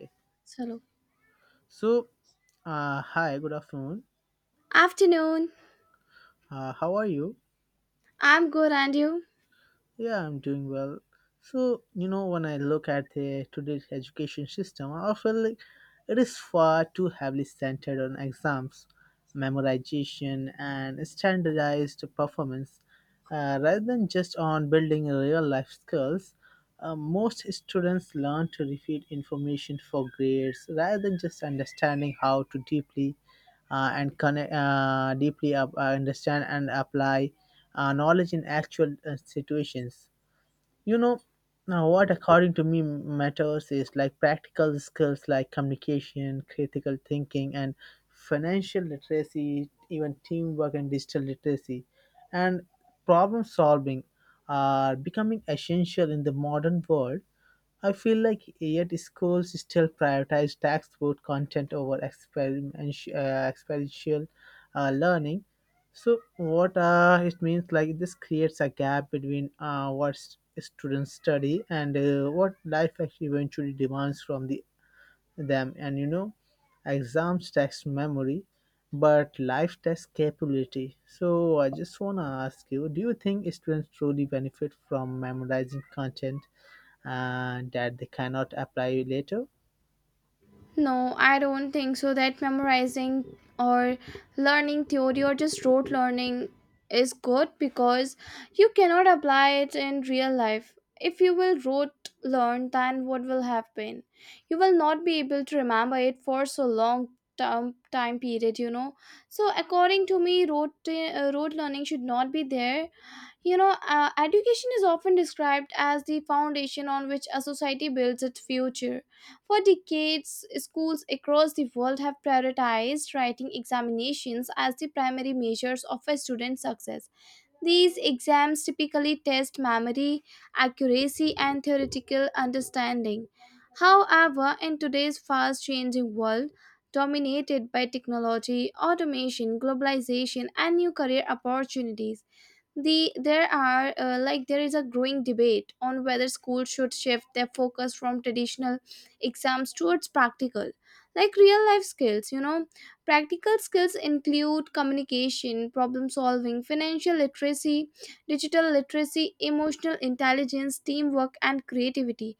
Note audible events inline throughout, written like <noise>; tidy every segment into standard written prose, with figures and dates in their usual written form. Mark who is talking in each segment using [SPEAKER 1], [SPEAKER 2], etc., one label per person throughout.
[SPEAKER 1] Okay.
[SPEAKER 2] Hello.
[SPEAKER 1] So, hi, good afternoon.
[SPEAKER 2] Afternoon.
[SPEAKER 1] How are you?
[SPEAKER 2] I'm good, and you?
[SPEAKER 1] Yeah, I'm doing well. So, you know, when I look at the today's education system, I feel like it is far too heavily centered on exams, memorization, and standardized performance, rather than just on building real life skills. Most students learn to repeat information for grades rather than just understanding how to deeply and connect, deeply up, understand and apply knowledge in actual situations. You know, now what according to me matters is like practical skills like communication, critical thinking, and financial literacy, even teamwork and digital literacy, and problem solving are becoming essential in the modern world. I feel like yet schools still prioritize textbook content over experiential learning. So what it means like this creates a gap between what students study and what life actually eventually demands from them. And you know, exams test memory, but life tests capability. So I just wanna ask you, do you think students truly benefit from memorizing content and that they cannot apply later.
[SPEAKER 2] No, I don't think so. That memorizing or learning theory or just rote learning is good because you cannot apply it in real life. If you will rote learn, then what will happen? You will not be able to remember it for so long term time period. So according to me, rote learning should not be there. Education is often described as the foundation on which a society builds its future. For decades, schools across the world have prioritized writing examinations as the primary measures of a student's success. These exams typically test memory, accuracy, and theoretical understanding. However, in today's fast changing world, dominated by technology, automation, globalization, and new career opportunities, the there are like there is a growing debate on whether schools should shift their focus from traditional exams towards practical like real life skills. Practical skills include communication, problem solving, financial literacy, digital literacy, emotional intelligence, teamwork, and creativity.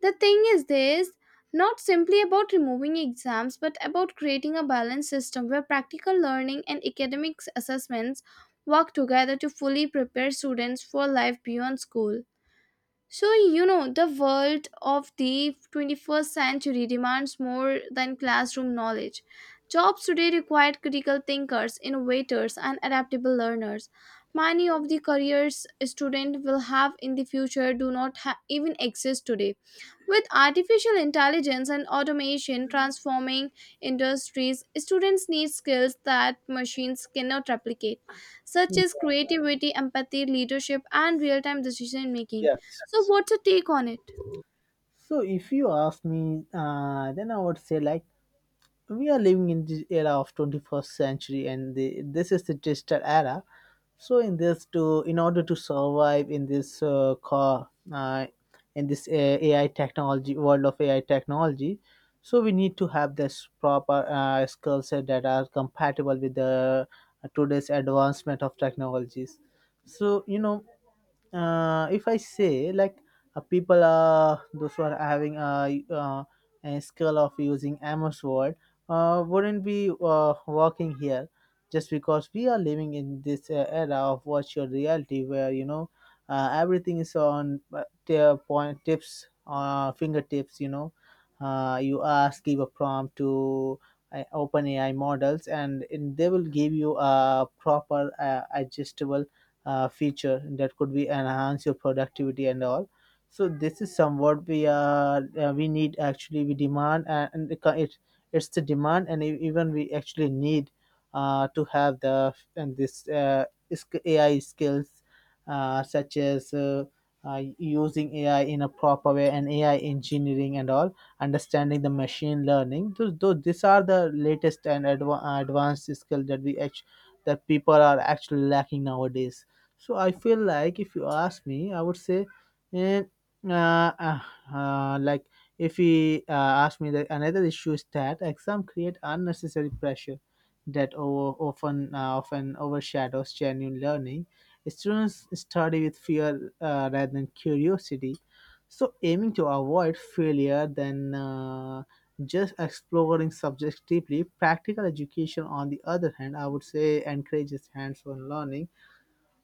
[SPEAKER 2] The thing is, this not simply about removing exams but about creating a balanced system where practical learning and academic assessments work together to fully prepare students for life beyond school. So, you know, the world of the 21st century demands more than classroom knowledge. Jobs today require critical thinkers, innovators, and adaptable learners. Many of the careers students will have in the future do not ha- even exist today. With artificial intelligence and automation transforming industries, students need skills that machines cannot replicate, such as creativity, empathy, leadership, and real time decision making.
[SPEAKER 1] Yes.
[SPEAKER 2] So, what's your take on it?
[SPEAKER 1] So if you ask me, then I would say like we are living in the era of 21st century, and this is the digital era. So in order to survive in this AI technology, world of AI technology, so we need to have this proper skill set that are compatible with the today's advancement of technologies. So you know. If I say like people those who are a skill of using Amos word wouldn't be working here just because we are living in this era of virtual reality where you know everything is on their point tips fingertips. You know, you ask give a prompt to open AI models, and they will give you a proper adjustable feature that could be enhance your productivity and all. So this is somewhat we need. Actually, we demand, and it's the demand, and even we actually need to have the and this sk- AI skills, such as uh, using AI in a proper way and AI engineering and all, understanding the machine learning. Those These are the latest and advanced skill that we actually that people are actually lacking nowadays. So I feel like if you ask me, I would say, eh, uh, uh, uh, like if he asked me that another issue is that exam create unnecessary pressure that over, often often overshadows genuine learning. Students study with fear rather than curiosity, so aiming to avoid failure than just exploring subjects deeply. Practical education, on the other hand, I would say encourages hands-on learning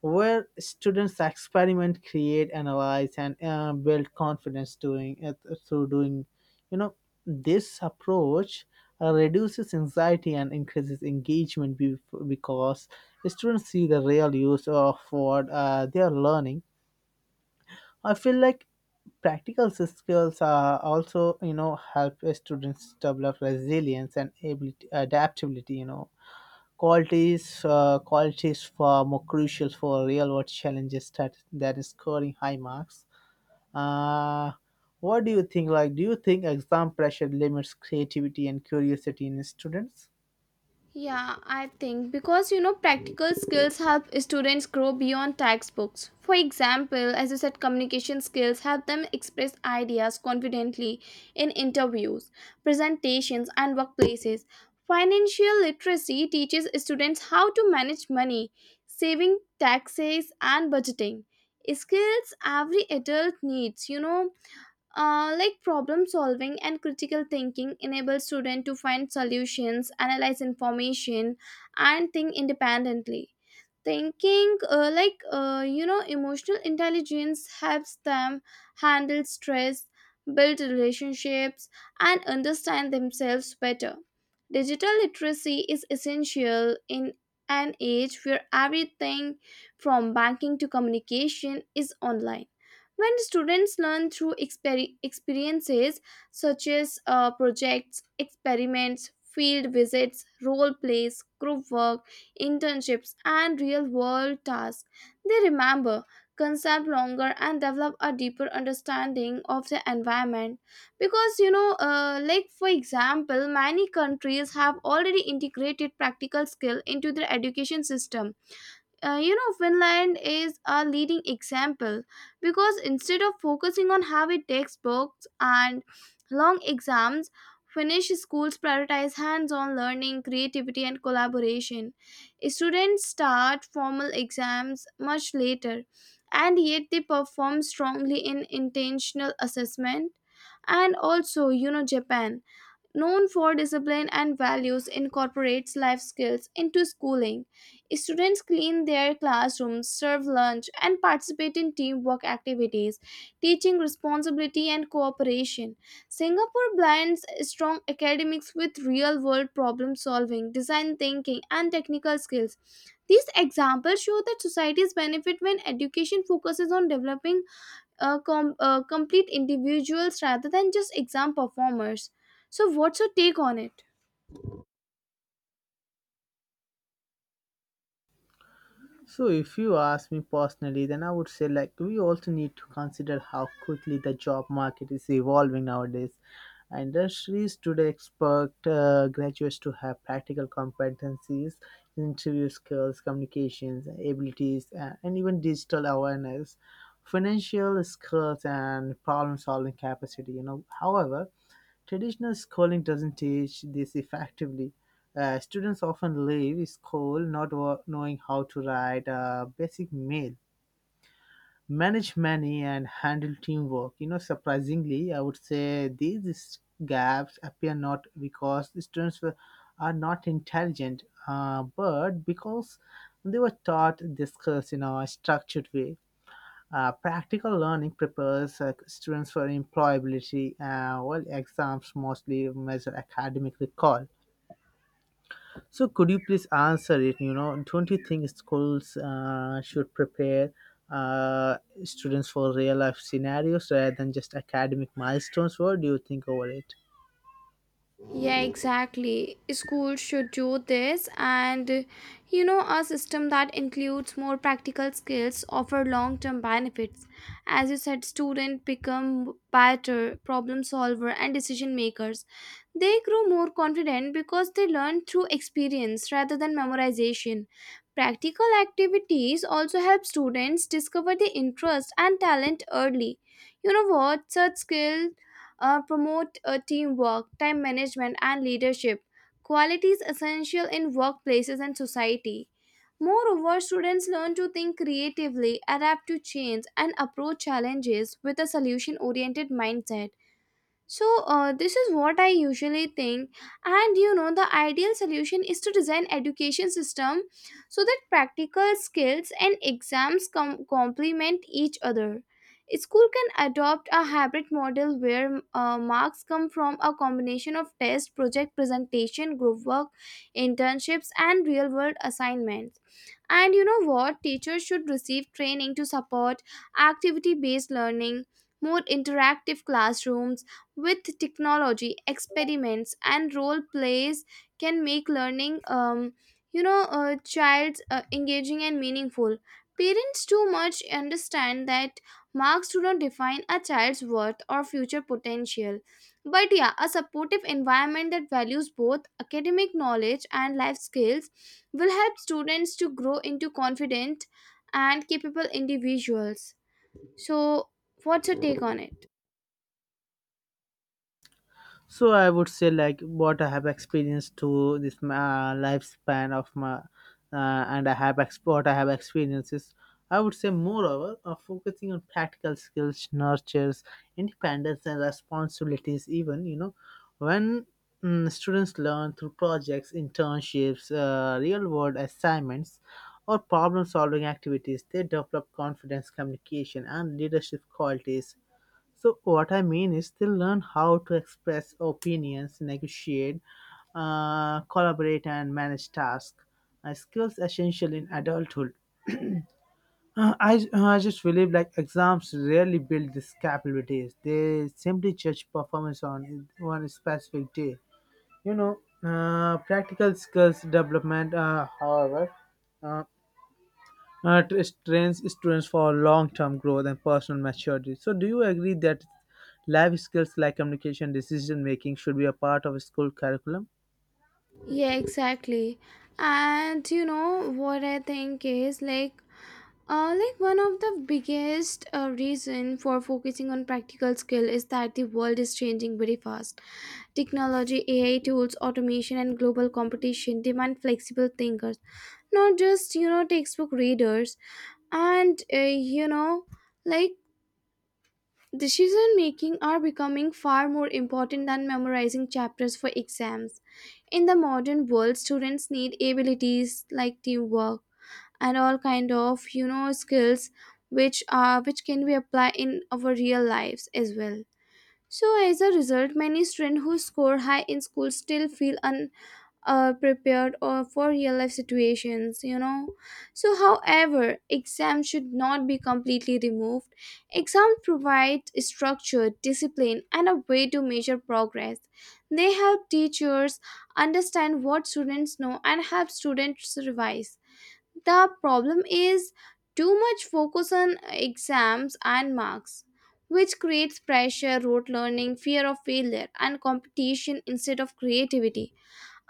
[SPEAKER 1] where students experiment, create, analyze, and build confidence doing it through doing. You know, this approach reduces anxiety and increases engagement because students see the real use of what they are learning. I feel like practical skills are also, you know, help students develop resilience and ability adaptability, you know. Qualities, qualities far more crucial for real world challenges that than scoring high marks. Uh, what do you think? Like, do you think exam pressure limits creativity and curiosity in students?
[SPEAKER 2] Yeah, I think, because you know, practical skills help students grow beyond textbooks. For example, as you said, communication skills help them express ideas confidently in interviews, presentations, and workplaces. Financial literacy teaches students how to manage money, saving, taxes, and budgeting. Skills every adult needs, you know. Like problem solving and critical thinking enable students to find solutions, analyze information, and think independently thinking. Emotional intelligence helps them handle stress, build relationships, and understand themselves better. Digital literacy is essential in an age where everything from banking to communication is online. When students learn through experiences such as projects, experiments, field visits, role plays, group work, internships, and real world tasks. They remember concept longer and develop a deeper understanding of the environment, because for example, many countries have already integrated practical skill into their education system. You know, Finland is a leading example, because instead of focusing on heavy textbooks and long exams, Finnish schools prioritize hands on learning, creativity, and collaboration. Students start formal exams much later, and yet they perform strongly in intentional assessment. And also, you know, Japan, known for discipline and values, incorporates life skills into schooling. Students clean their classrooms, serve lunch, and participate in teamwork activities, teaching responsibility and cooperation. Singapore blends strong academics with real world problem solving, design thinking, and technical skills. These examples show that societies benefit when education focuses on developing complete individuals rather than just exam performers. So, what's your take on it?
[SPEAKER 1] So if you ask me personally, then I would say like we also need to consider how quickly the job market is evolving nowadays. Industries today expect graduates to have practical competencies, interview skills, communications abilities, and even digital awareness, financial skills, and problem-solving capacity. You know, however, traditional schooling doesn't teach this effectively. Students often leave school not knowing how to write a basic mail, manage money, and handle teamwork. You know, surprisingly, I would say these gaps appear not because are not intelligent, but because they were taught this course in a structured way. Practical learning prepares students for employability, while exams mostly measure academic recall. So, could you please answer it? You know, don't you think schools should prepare uh, students for real life scenarios rather than just academic milestones? What do you think over it?
[SPEAKER 2] Yeah, exactly. Schools should do this, and you know, a system that includes more practical skills offer long term benefits. As you said, students become better problem solver and decision makers. They grow more confident because they learn through experience rather than memorization. Practical activities also help students discover their interest and talent early. You know what? Such skills promote teamwork, time management, and leadership, qualities essential in workplaces and society. Moreover, students learn to think creatively, adapt to change, and approach challenges with a solution oriented mindset. So, this is what I usually think. And you know, the ideal solution is to design education system so that practical skills and exams complement each other. School can adopt a hybrid model where marks come from a combination of test, project presentation, group work, internships, and real world assignments. And you know what? Teachers should receive training to support activity based learning. More interactive classrooms with technology experiments and role plays can make learning a child's engaging and meaningful. Parents too much understand that marks do not define a child's worth or future potential, but yeah, a supportive environment that values both academic knowledge and life skills will help students to grow into confident and capable individuals. So, what's your take on it?
[SPEAKER 1] So I would say like what I have experienced to this lifespan of my and I have ex- what I have experienced is I would say moreover focusing on practical skills nurtures independence and responsibilities, even you know, when students learn through projects, internships, real world assignments or problem solving activities, they develop confidence, communication and leadership qualities. So what I mean is they learn how to express opinions, negotiate, collaborate, and manage tasks. Skills essential in adulthood. I just believe like exams rarely build these capabilities. They simply judge performance on one specific day. You know, practical skills development, uh, it trains students for long-term growth and personal maturity. So, do you agree that life skills like communication, decision making should be a part of school curriculum?
[SPEAKER 2] Yeah, exactly. And you know what I think is like, one of the biggest reason for focusing on practical skill is that the world is changing very fast. Technology, AI tools, automation and global competition demand flexible thinkers, not just, you know, textbook readers, and like decision making are becoming far more important than memorizing chapters for exams. In the modern world, students need abilities like teamwork and all kind of, you know, skills which can be applied in our real lives as well. So as a result, many students who score high in school still feel prepared or for real life situations, you know. So however, exams should not be completely removed. Exams provide structure discipline and a way to measure progress. They help teachers understand what students know and help students revise. The problem is too much focus on exams and marks, which creates pressure rote learning fear of failure and competition instead of creativity.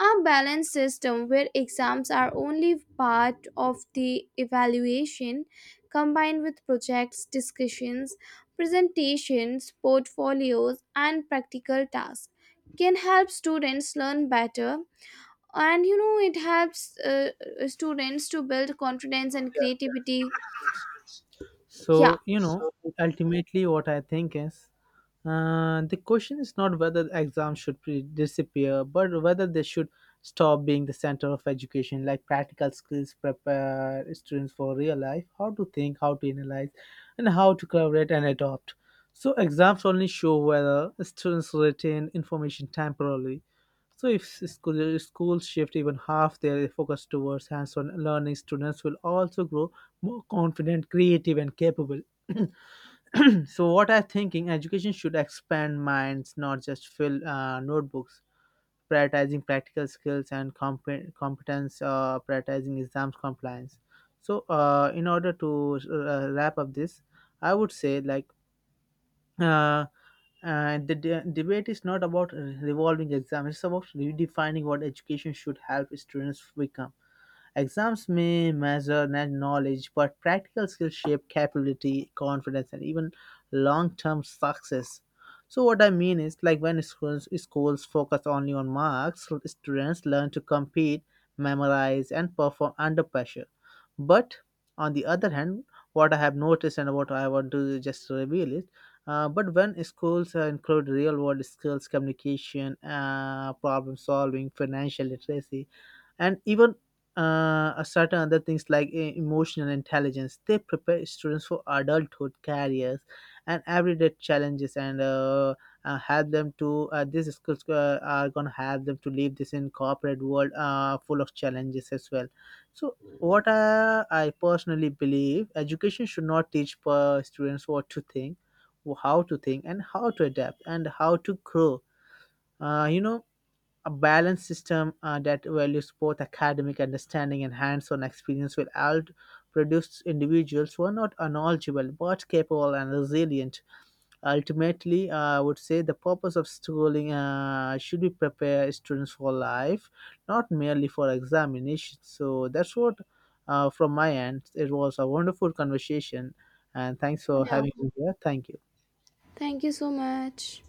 [SPEAKER 2] A balanced system where exams are only part of the evaluation combined with projects, discussions, presentations, portfolios and practical tasks can help students learn better, and you know it helps students to build confidence and creativity. Yeah.
[SPEAKER 1] So, you know, ultimately, what I think is the question is not whether exams should disappear, but whether they should stop being the center of education. Like, practical skills prepare students for real life, how to think, how to analyze, and how to collaborate and adopt. So, exams only show whether students retain information temporarily. So, if schools shift even half their focus towards hands on learning, students will also grow more confident, creative, and capable. <clears throat> <clears throat> So what I'm thinking, education should expand minds, not just fill notebooks, prioritizing practical skills and competence, prioritizing exams compliance. So in order to wrap up this, I would say like uh, the debate is not about revolving exams. It's about redefining what education should help students become. Exams may measure knowledge, but practical skills shape capability, confidence, and even long term success. So, what I mean is, like when schools focus only on marks, students learn to compete, memorize, and perform under pressure. But on the other hand, what I have noticed and what I want to just reveal is, but when schools include real world skills, communication, problem solving, financial literacy, and even a certain other things like emotional intelligence. They prepare students for adulthood, careers, and everyday challenges, and help them to. These schools are gonna help them to live this in corporate world full of challenges as well. So. I personally believe, education should not teach per students what to think, how to think, and how to adapt, and how to grow. You know, a balanced system that values both academic understanding and hands-on experience will out produce individuals who are not knowledgeable but capable and resilient. Ultimately, I would say the purpose of schooling should be prepare students for life, not merely for examinations. So that's what, from my end, it was a wonderful conversation, and thanks for
[SPEAKER 2] Yeah.
[SPEAKER 1] having me here. Thank you.
[SPEAKER 2] Thank you so much.